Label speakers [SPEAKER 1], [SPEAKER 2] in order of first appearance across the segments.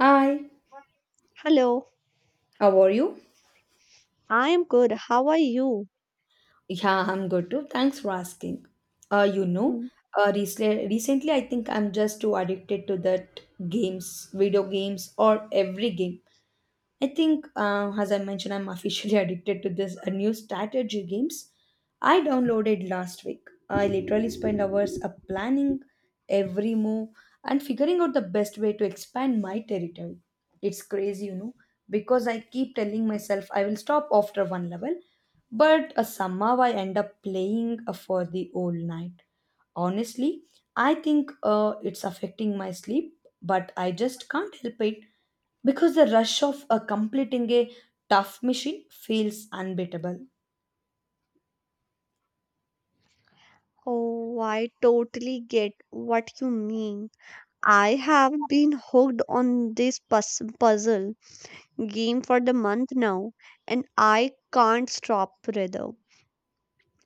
[SPEAKER 1] Hi,
[SPEAKER 2] Hello,
[SPEAKER 1] how are you?
[SPEAKER 2] I am good. How are you?
[SPEAKER 1] Yeah, I'm good too. Thanks for asking. Uh, you know,
[SPEAKER 2] Hmm.
[SPEAKER 1] recently I think I'm just too addicted to that games, video games, or every game. I think, as I mentioned, I'm officially addicted to this new strategy games I downloaded last week. I literally spent hours planning every move and figuring out the best way to expand my territory. It's crazy, you know, because I keep telling myself I will stop after one level, but somehow I end up playing for the whole night honestly. I think it's affecting my sleep, but I just can't help it because the rush of completing a tough mission feels unbeatable.
[SPEAKER 2] Oh, I totally get what you mean. I have been hooked on this puzzle game for the month now, and I can't stop rather.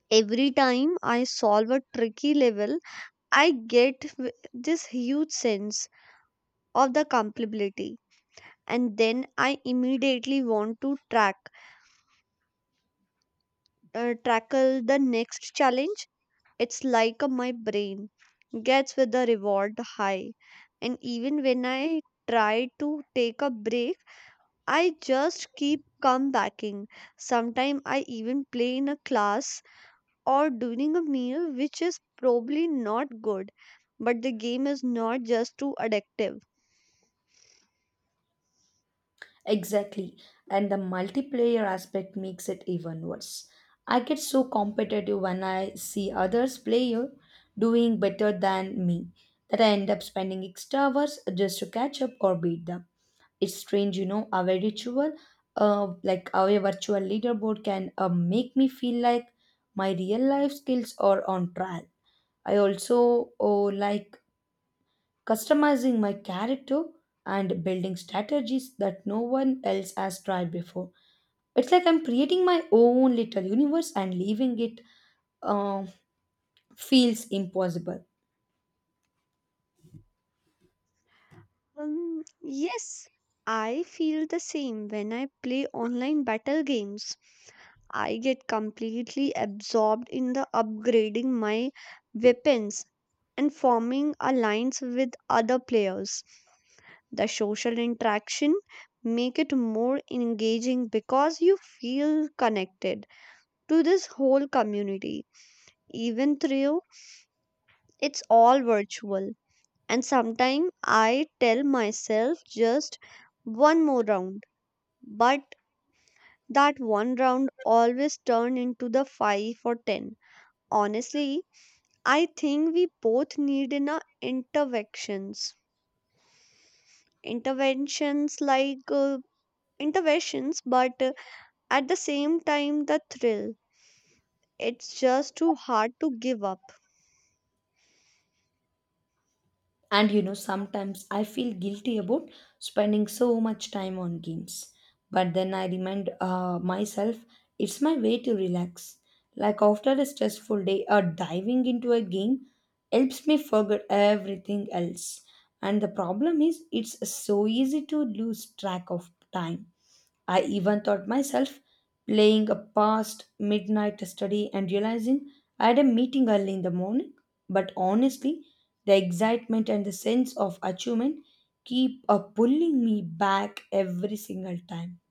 [SPEAKER 2] Every time I solve a tricky level, I get this huge sense of the complexity, and then I immediately want to track tackle the next challenge. It's like my brain gets with the reward high. And even when I try to take a break, I just keep come backing. Sometimes I even play in a class or during a meal, which is probably not good. But the game is not just too addictive.
[SPEAKER 1] Exactly, and the multiplayer aspect makes it even worse. I get so competitive when I see others player doing better than me that I end up spending extra hours just to catch up or beat them. It's strange, you know, our ritual, like our virtual leaderboard can make me feel like my real life skills are on trial. I also oh, like customizing my character and building strategies that no one else has tried before. It's like I'm creating my own little universe and leaving it um feels impossible.
[SPEAKER 2] Yes, I feel the same when I play online battle games. I get completely absorbed in the upgrading my weapons and forming alliance with other players. The social interaction make it more engaging because you feel connected to this whole community. Even though it's all virtual, and sometimes I tell myself just one more round, but that one round always turn into the 5 or 10. Honestly, I think we both need in our interventions. Interventions like interventions, but at the same time, the thrill. It's just too hard to give up.
[SPEAKER 1] And you know, sometimes I feel guilty about spending so much time on games. But then I remind myself it's my way to relax. Like after a stressful day, diving into a game helps me forget everything else. And the problem is, it's so easy to lose track of time. I even thought myself playing a past midnight study and realizing I had a meeting early in the morning. But honestly, the excitement and the sense of achievement keep pulling me back every single time.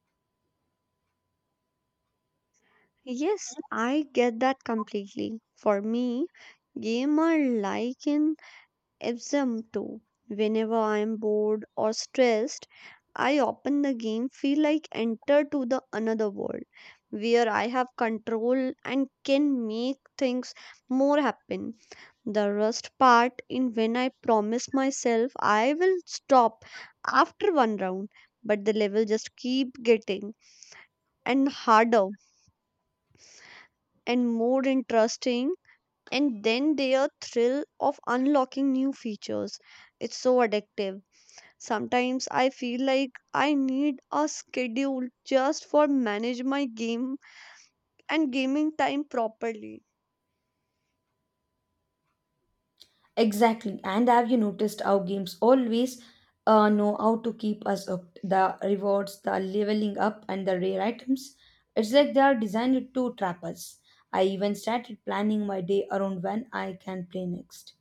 [SPEAKER 2] Yes, I get that completely. For me, game are like an Epsom too. Whenever I am bored or stressed, I open the game, feel like enter to the another world where I have control and can make things more happen. The rust part in when I promise myself I will stop after one round, but the level just keep getting and harder and more interesting. And then their thrill of unlocking new features. It's so addictive. Sometimes I feel like I need a schedule just for manage my game and gaming time properly.
[SPEAKER 1] Exactly. And have you noticed how games always know how to keep us up? The rewards, the leveling up, and the rare items. It's like they are designed to trap us. I even started planning my day around when I can play next,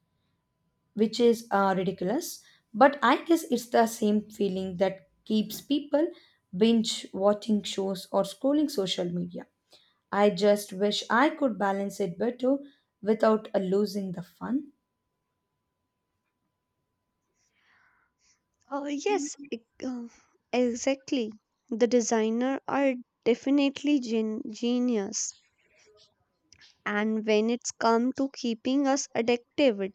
[SPEAKER 1] which is ridiculous. But I guess it's the same feeling that keeps people binge watching shows or scrolling social media. I just wish I could balance it better without losing the fun.
[SPEAKER 2] Uh, yes, e- uh, exactly. The designer are definitely genius. And when it's come to keeping us addicted,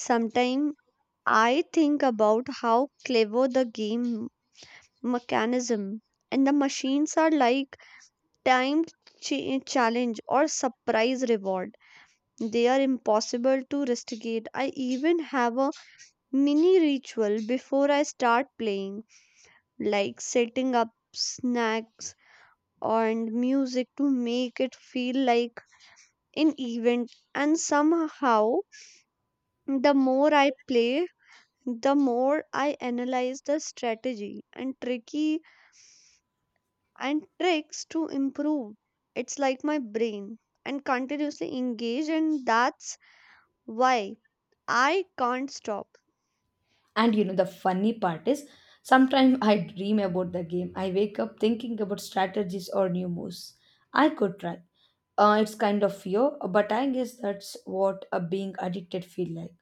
[SPEAKER 2] sometimes I think about how clever the game mechanism and the machines are like time challenge or surprise reward. They are impossible to rusticate. I even have a mini ritual before I start playing, like setting up snacks and music to make it feel like an event. And somehow, the more I play, the more I analyze the strategy and tricky and tricks to improve. It's like my brain and continuously engage, and that's why I can't stop.
[SPEAKER 1] And you know, the funny part is sometimes I dream about the game. I wake up thinking about strategies or new moves I could try. It's kind of fear, but I guess that's what a being addicted feel like.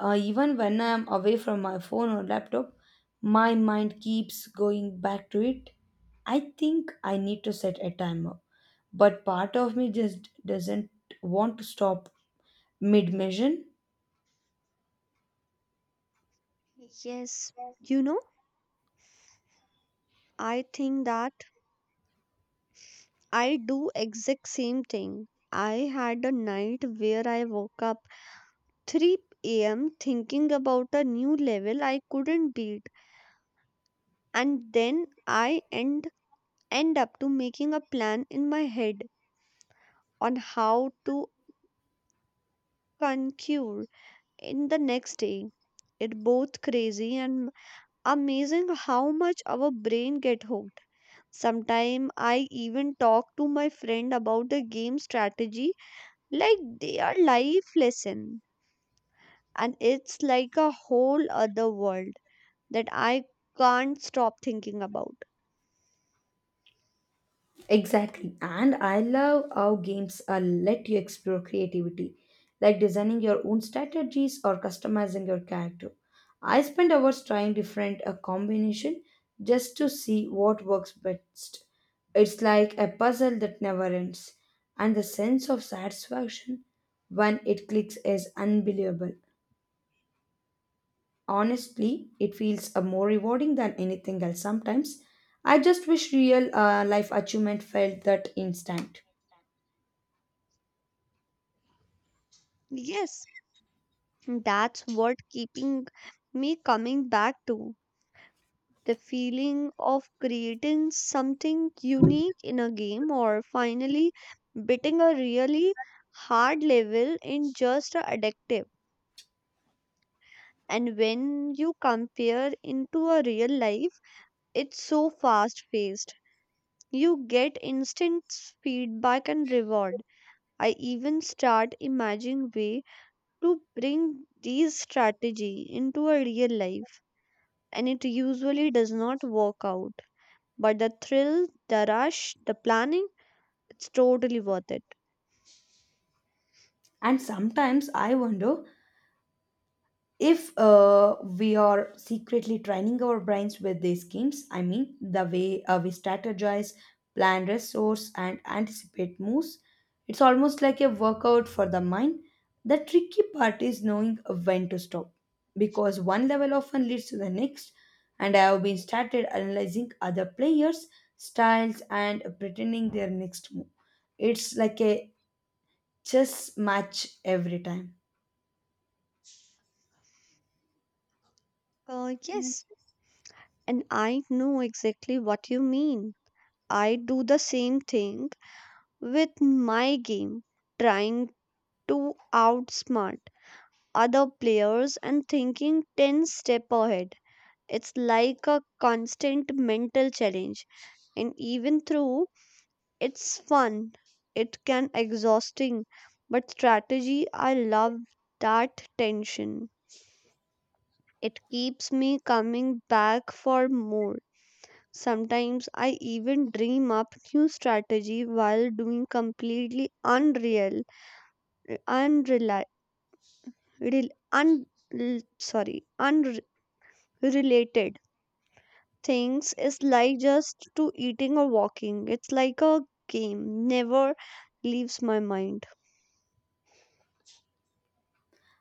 [SPEAKER 1] Even when I'm away from my phone or laptop, my mind keeps going back to it. I think I need to set a timer, but part of me just doesn't want to stop mid mission.
[SPEAKER 2] Yes, you know, I think that I do exact same thing. I had a night where I woke up 3 a.m. thinking about a new level I couldn't beat, and then I end up to making a plan in my head on how to conquer in the next day. It both crazy and amazing how much our brain get hooked. Sometimes I even talk to my friend about the game strategy like they are life lesson. And it's like a whole other world that I can't stop thinking about.
[SPEAKER 1] Exactly. And I love how games let you explore creativity, like designing your own strategies or customizing your character. I spend hours trying different combination just to see what works best. It's like a puzzle that never ends, and the sense of satisfaction when it clicks is unbelievable. Honestly, it feels more rewarding than anything else sometimes. I just wish real life achievement felt that instant.
[SPEAKER 2] Yes, that's what keeping me coming back to. The feeling of creating something unique in a game or finally beating a really hard level in just a addictive. And when you compare into a real life, it's so fast paced, you get instant feedback and reward. I even start imagining way to bring these strategy into a real life, and it usually does not work out, but the thrill, the rush, the planning, it's totally worth it.
[SPEAKER 1] And sometimes I wonder if we are secretly training our brains with these schemes. I mean, the way we strategize, plan resource, and anticipate moves. It's almost like a workout for the mind. The tricky part is knowing when to stop because one level often leads to the next. And I have been started analyzing other players' styles and pretending their next move. It's like a chess match every time.
[SPEAKER 2] Yes, and I know exactly what you mean. I do the same thing with my game, trying to outsmart other players and thinking 10 step ahead. It's like a constant mental challenge, and even though it's fun, it can exhausting. But strategy, I love that tension. It keeps me coming back for more. Sometimes I even dream up new strategy while doing completely unreal unreli- rel- un- l- sorry, related things is like just to eating or walking. It's like a game, never leaves my mind.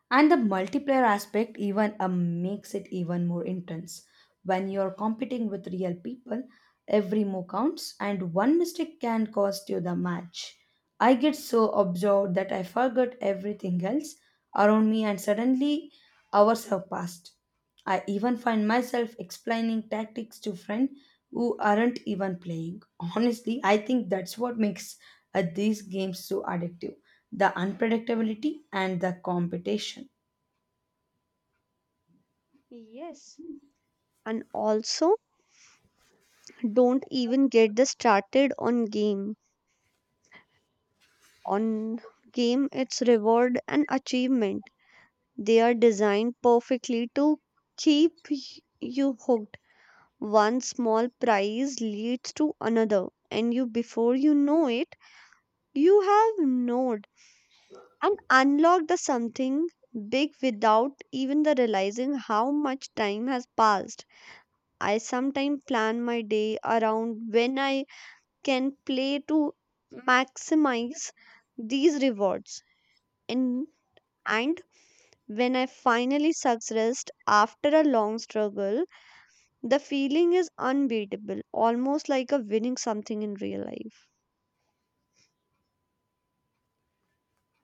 [SPEAKER 1] And the multiplayer aspect even makes it even more intense. When you're competing with real people, every move counts, and one mistake can cost you the match. I get so absorbed that I forgot everything else around me, and suddenly hours have passed. I even find myself explaining tactics to friends who aren't even playing. Honestly, I think that's what makes these games so addictive, the unpredictability and the competition.
[SPEAKER 2] Yes. And also, don't even get the started on game. On game, it's reward and achievement. They are designed perfectly to keep you hooked. One small prize leads to another, and you before you know it, you have no and unlock the something big without even the realizing how much time has passed. I sometimes plan my day around when I can play to maximize these rewards. And, and when I finally succeed after a long struggle, the feeling is unbeatable, almost like a winning something in real life.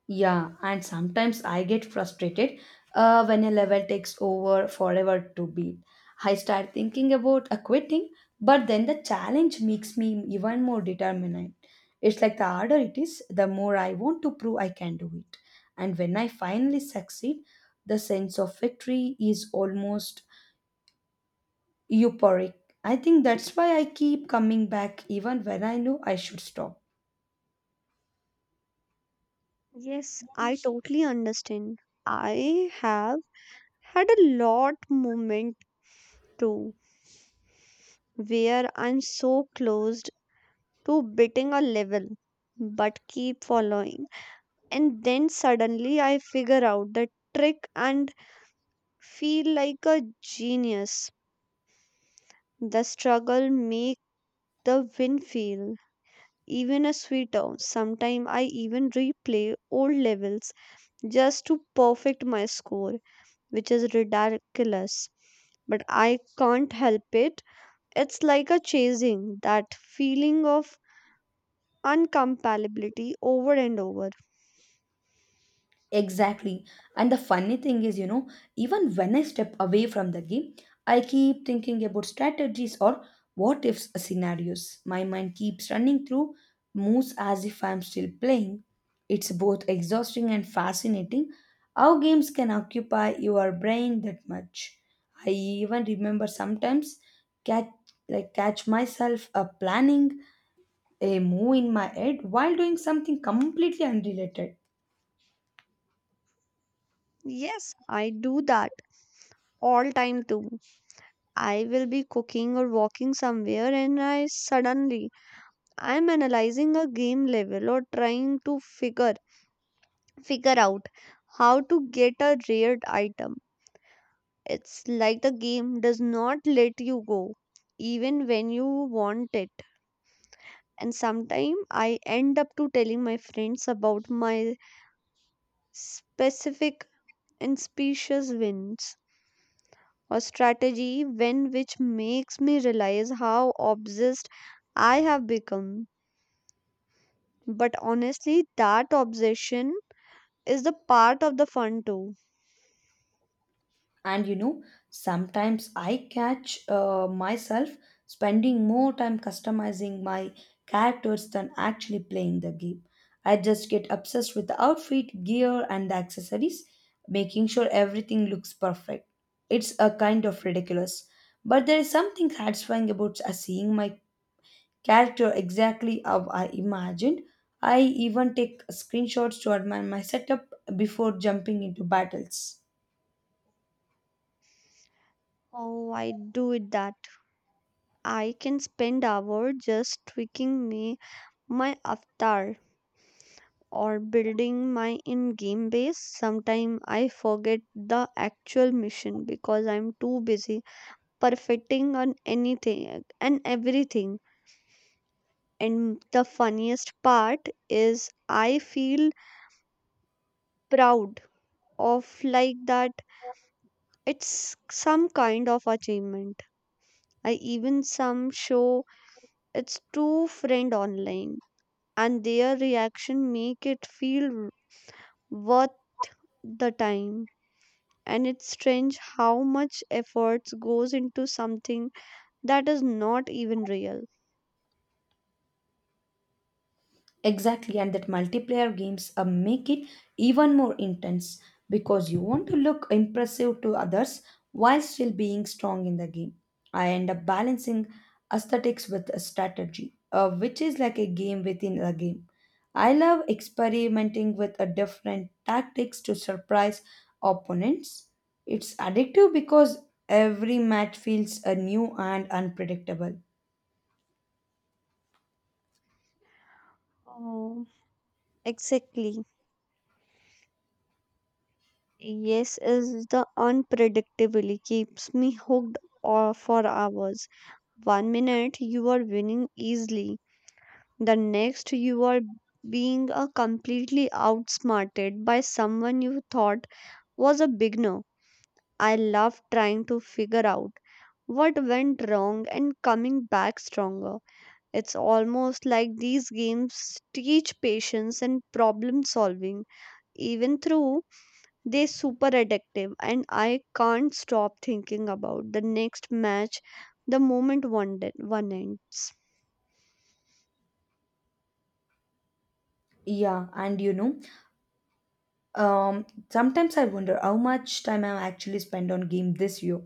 [SPEAKER 1] Yeah, and sometimes I get frustrated when a level takes over forever to beat. I start thinking about quitting, but then the challenge makes me even more determined. It's like the harder it is, the more I want to prove I can do it. And when I finally succeed, the sense of victory is almost euphoric. I think that's why I keep coming back even when I know I should stop.
[SPEAKER 2] Yes, I totally understand. I have had a lot moment too where I'm so close to beating a level but keep following. And then suddenly I figure out the trick and feel like a genius. The struggle make the win feel even a sweeter. Sometimes I even replay old levels just to perfect my score, which is ridiculous. But I can't help it. It's like a chasing that feeling of Uncompatibility over and over.
[SPEAKER 1] Exactly. And the funny thing is, you know, even when I step away from the game, I keep thinking about strategies or what if scenarios. My mind keeps running through moves as if I'm still playing. It's both exhausting and fascinating how games can occupy your brain that much. I even remember sometimes catch catch myself planning a move in my head while doing something completely unrelated.
[SPEAKER 2] Yes, I do that all time too. I will be cooking or walking somewhere and I suddenly I'm analyzing a game level or trying to figure out how to get a rare item. It's like the game does not let you go even when you want it. And sometimes I end up to telling my friends about my specific and specious wins or strategy when which makes me realize how obsessed I have become. But honestly, that obsession is the part of the fun too.
[SPEAKER 1] And you know, sometimes I catch myself spending more time customizing my characters than actually playing the game. I just get obsessed with the outfit gear and the accessories, making sure everything looks perfect. It's a kind of ridiculous, but there is something satisfying about seeing my character exactly how I imagined. I even take screenshots to admire my setup before jumping into battles.
[SPEAKER 2] Oh, I do it that. I can spend hours just tweaking me my avatar or building my in-game base. Sometimes I forget the actual mission because I'm too busy perfecting on anything and everything. And the funniest part is I feel proud of like that, it's some kind of achievement. I even some show it's two friend online and their reaction make it feel worth the time, and it's strange how much efforts goes into something that is not even real.
[SPEAKER 1] Exactly, and that multiplayer games make it even more intense because you want to look impressive to others while still being strong in the game. I end up balancing aesthetics with a strategy, which is like a game within a game. I love experimenting with a different tactics to surprise opponents. It's addictive because every match feels a new and unpredictable.
[SPEAKER 2] Oh, exactly. Yes, is the unpredictability keeps me hooked or for hours. One minute you are winning easily, the next you are being completely outsmarted by someone you thought was a beginner. I love trying to figure out what went wrong and coming back stronger. It's almost like these games teach patience and problem solving, even through they're super addictive, and I can't stop thinking about the next match the moment one ends.
[SPEAKER 1] Yeah, and you know, sometimes I wonder how much time I actually spent on game this year.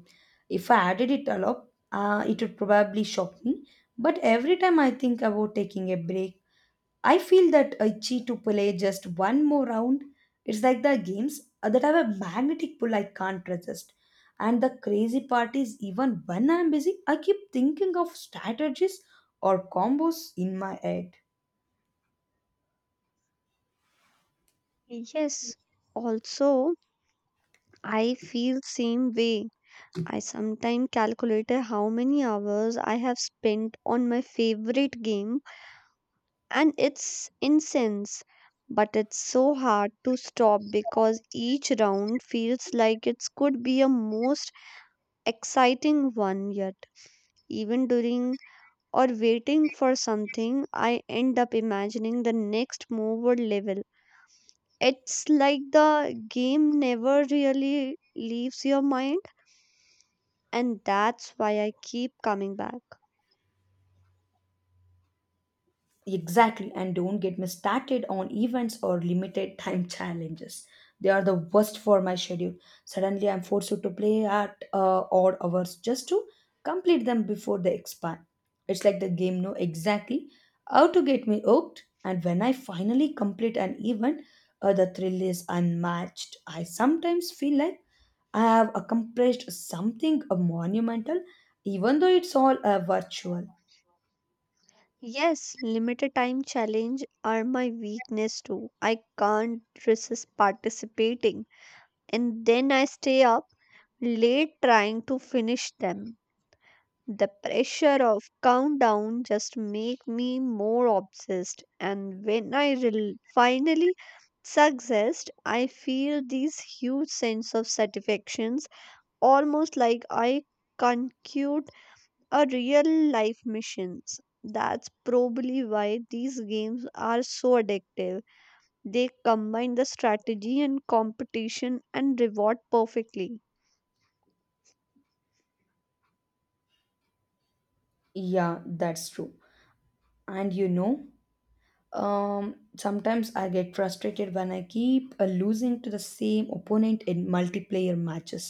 [SPEAKER 1] If I added it all up, it would probably shock me. But every time I think about taking a break, I feel that I cheat to play just one more round. It's like the games that have a magnetic pull I can't resist. And the crazy part is, even when I'm busy, I keep thinking of strategies or combos in my head.
[SPEAKER 2] Yes, also, I feel same way. I sometimes calculate how many hours I have spent on my favorite game, and it's incense. But it's so hard to stop because each round feels like it could be a most exciting one yet. Even during or waiting for something, I end up imagining the next move or level. It's like the game never really leaves your mind, and that's why I keep coming back.
[SPEAKER 1] Exactly, and don't get me started on events or limited time challenges. They are the worst for my schedule. Suddenly, I'm forced to play at odd hours just to complete them before they expire. It's like the game know exactly how to get me hooked, and when I finally complete an event, the thrill is unmatched. I sometimes feel like I have accomplished something monumental, even though it's all virtual.
[SPEAKER 2] Yes, limited time challenge are my weakness too. I can't resist participating, and then I stay up late trying to finish them. The pressure of countdown just make me more obsessed, and when I finally success, I feel this huge sense of satisfactions almost like I conclude a real life missions. That's probably why these games are so addictive. They combine the strategy and competition and reward perfectly.
[SPEAKER 1] Yeah, that's true. And you know, sometimes I get frustrated when I keep losing to the same opponent in multiplayer matches.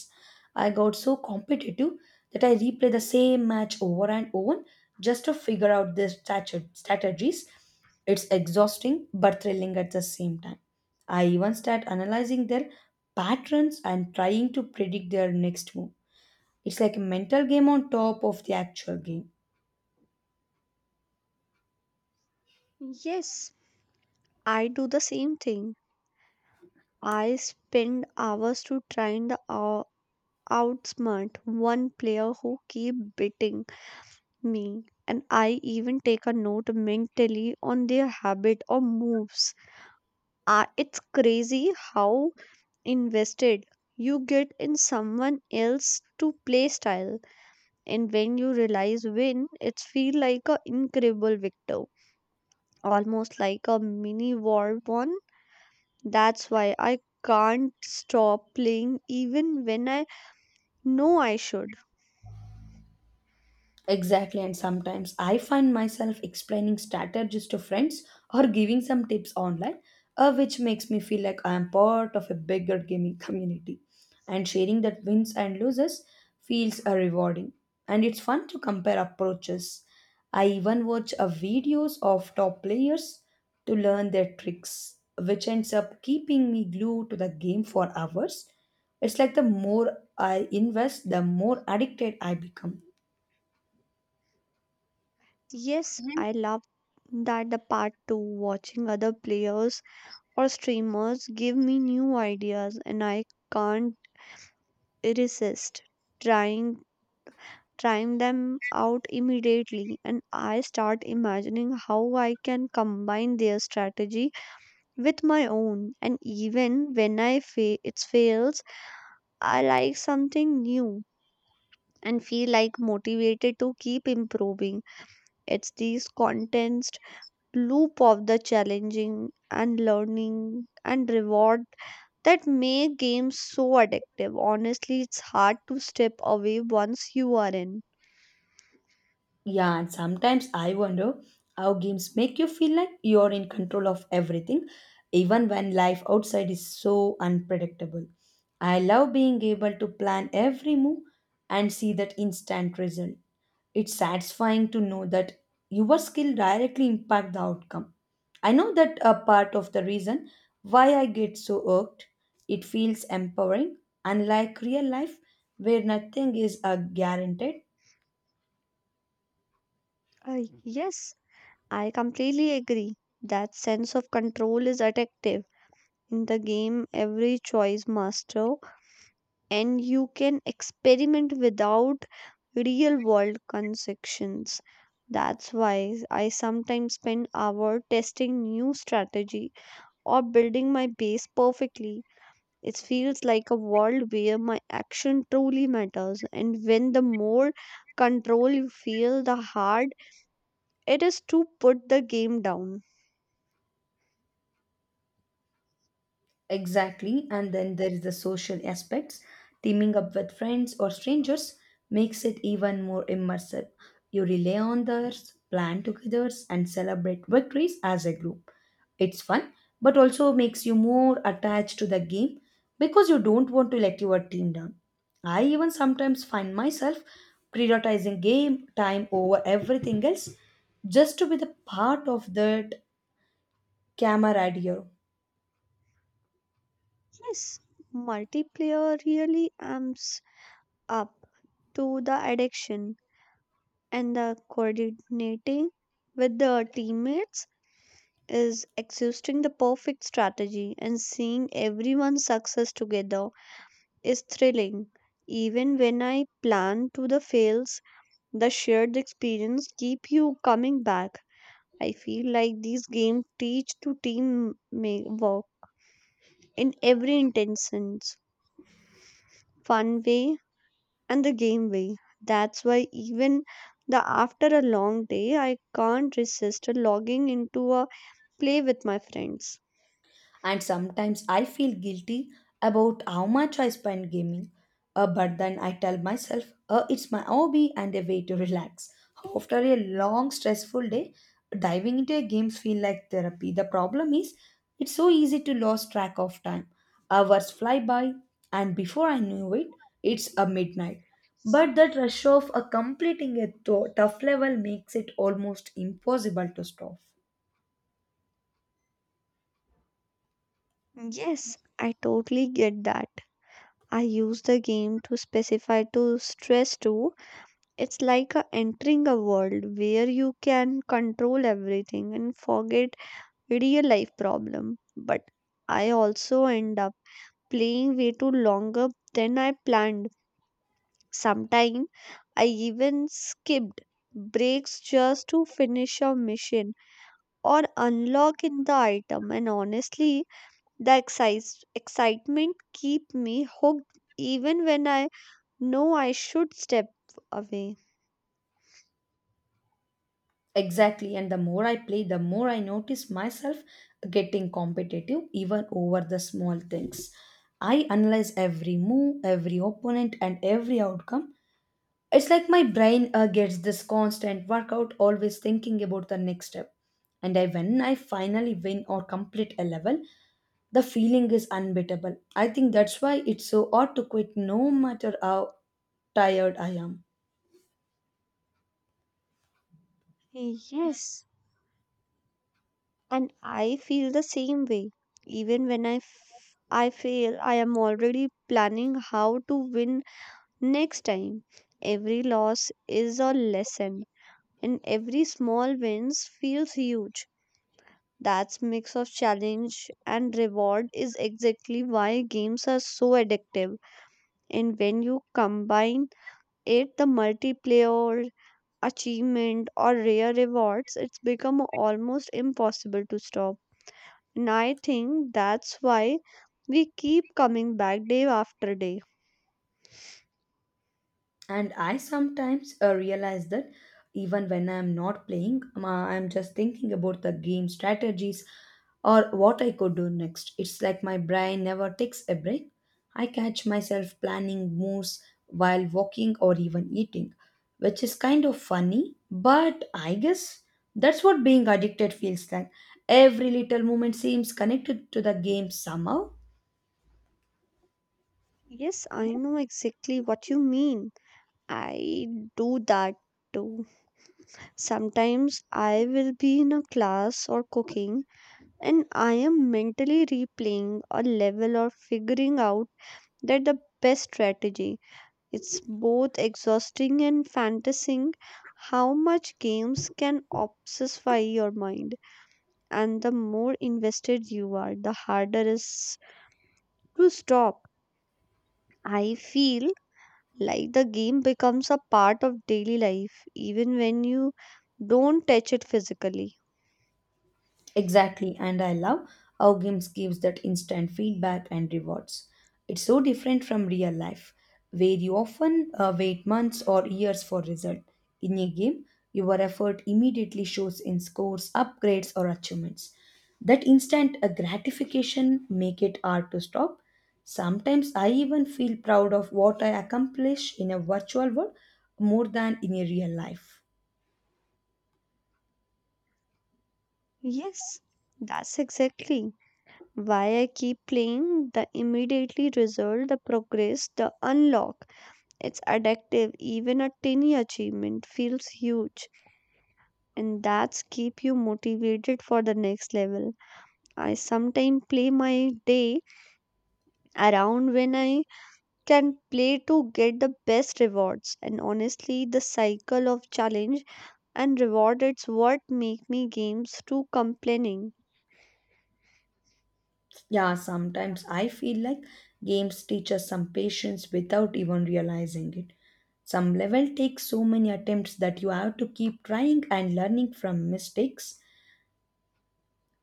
[SPEAKER 1] I got so competitive that I replay the same match over and over just to figure out their strategies. It's exhausting but thrilling at the same time. I even start analyzing their patterns and trying to predict their next move. It's like a mental game on top of the actual game.
[SPEAKER 2] Yes, I do the same thing. I spend hours to trying to outsmart one player who keep beating me, and I even take a note mentally on their habit or moves. It's crazy how invested you get in someone else to play style, and when you realize win it's feel like a incredible victor, almost like a mini war one. That's why I can't stop playing even when I... No, I should.
[SPEAKER 1] Exactly, and sometimes I find myself explaining strategies to friends or giving some tips online, which makes me feel like I am part of a bigger gaming community. And sharing that wins and losses feels rewarding, and it's fun to compare approaches. I even watch videos of top players to learn their tricks, which ends up keeping me glued to the game for hours. It's like the more I invest, the more addicted I become.
[SPEAKER 2] Yes, I love that the part too. Watching other players or streamers give me new ideas, and I can't resist trying trying them out immediately, and I start imagining how I can combine their strategy with my own, and even when I it fails, I like something new and feel like motivated to keep improving. It's these contents loop of the challenging and learning and reward that make games so addictive. Honestly, it's hard to step away once you are in.
[SPEAKER 1] Yeah, and sometimes I wonder how games make you feel like you're in control of everything, even when life outside is so unpredictable. I love being able to plan every move and see that instant result. It's satisfying to know that your skill directly impact the outcome. I know that a part of the reason why I get so irked. It feels empowering, unlike real life where nothing is a guaranteed.
[SPEAKER 2] Yes, I completely agree. That sense of control is addictive. In the game, every choice master, and you can experiment without real world consequences. That's why I sometimes spend hours testing new strategies or building my base perfectly. It feels like a world where my action truly matters, and when the more control you feel, the hard it is to put the game down.
[SPEAKER 1] Exactly. And then there is the social aspects. Teaming up with friends or strangers makes it even more immersive. You rely on others, plan together, and celebrate victories as a group. It's fun, but also makes you more attached to the game because you don't want to let your team down. I even sometimes find myself prioritizing game time over everything else just to be the part of that camaraderie.
[SPEAKER 2] Yes, multiplayer really amps up to the addiction, and the coordinating with the teammates is exhausting the perfect strategy and seeing everyone's success together is thrilling. Even when I plan to the fails, the shared experience keep you coming back. I feel like these games teach to team work in every intentions, fun way and the game way. That's why even the after a long day, I can't resist logging into a play with my friends.
[SPEAKER 1] And sometimes I feel guilty about how much I spend gaming. But then I tell myself, it's my hobby and a way to relax. After a long, stressful day, diving into a game feels like therapy. The problem is, it's so easy to lose track of time. Hours fly by, and before I knew it, it's a midnight. But that rush of completing a tough level makes it almost impossible to stop.
[SPEAKER 2] Yes, I totally get that. I use the game to specify to stress too. It's like a entering a world where you can control everything and forget real life problem. But I also end up playing way too longer than I planned. Sometime I even skipped breaks just to finish a mission or unlock in the item, and honestly the excitement keep me hooked even when I know I should step away.
[SPEAKER 1] Exactly, and the more I play, the more I notice myself getting competitive even over the small things. I analyze every move, every opponent, and every outcome. It's like my brain gets this constant workout, always thinking about the next step. And when I finally win or complete a level, the feeling is unbeatable. I think that's why it's so hard to quit no matter how tired I am.
[SPEAKER 2] Yes, and I feel the same way. Even when I fail, I am already planning how to win next time. Every loss is a lesson, and every small wins feels huge. That mix of challenge and reward is exactly why games are so addictive. And when you combine it, the multiplayer achievement or rare rewards, it's become almost impossible to stop. And I think that's why we keep coming back day after day.
[SPEAKER 1] And I sometimes realize that even when I'm not playing, I'm just thinking about the game strategies or what I could do next. It's like my brain never takes a break. I catch myself planning moves while walking or even eating, which is kind of funny, but I guess that's what being addicted feels like. Every little moment seems connected to the game somehow.
[SPEAKER 2] Yes, I know exactly what you mean. I do that too. Sometimes I will be in a class or cooking and I am mentally replaying a level or figuring out that the best strategy. It's both exhausting and fantasizing how much games can obsessify your mind, and the more invested you are, the harder it's to stop. I feel like the game becomes a part of daily life even when you don't touch it physically.
[SPEAKER 1] Exactly, and I love how games gives that instant feedback and rewards. It's so different from real life, where you often wait months or years for result. In a game, your effort immediately shows in scores, upgrades, or achievements. That instant gratification make it hard to stop. Sometimes I even feel proud of what I accomplish in a virtual world more than in a real life.
[SPEAKER 2] Yes, that's exactly why I keep playing the immediately result, the progress, the unlock. It's addictive. Even a tiny achievement feels huge, and that's keep you motivated for the next level. I sometimes play my day around when I can play to get the best rewards, and honestly the cycle of challenge and reward it's what make me games to complaining.
[SPEAKER 1] Yeah, sometimes I feel like games teach us some patience without even realizing it. Some level takes so many attempts that you have to keep trying and learning from mistakes.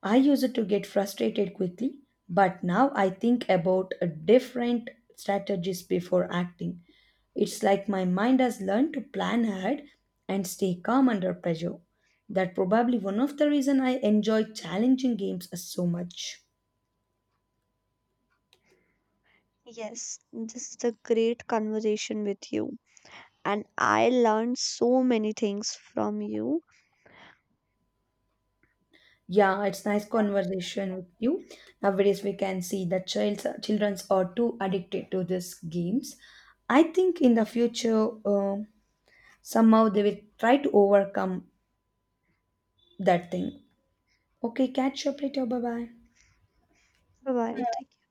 [SPEAKER 1] I used to get frustrated quickly, but now I think about a different strategies before acting. It's like my mind has learned to plan ahead and stay calm under pressure. That probably one of the reason I enjoy challenging games so much.
[SPEAKER 2] Yes, this is a great conversation with you, and I learned so many things from you.
[SPEAKER 1] Yeah, it's nice conversation with you. Nowadays, we can see that child's childrens are too addicted to these games. I think in the future, somehow they will try to overcome that thing. Okay, catch up later. Bye bye.
[SPEAKER 2] Bye bye.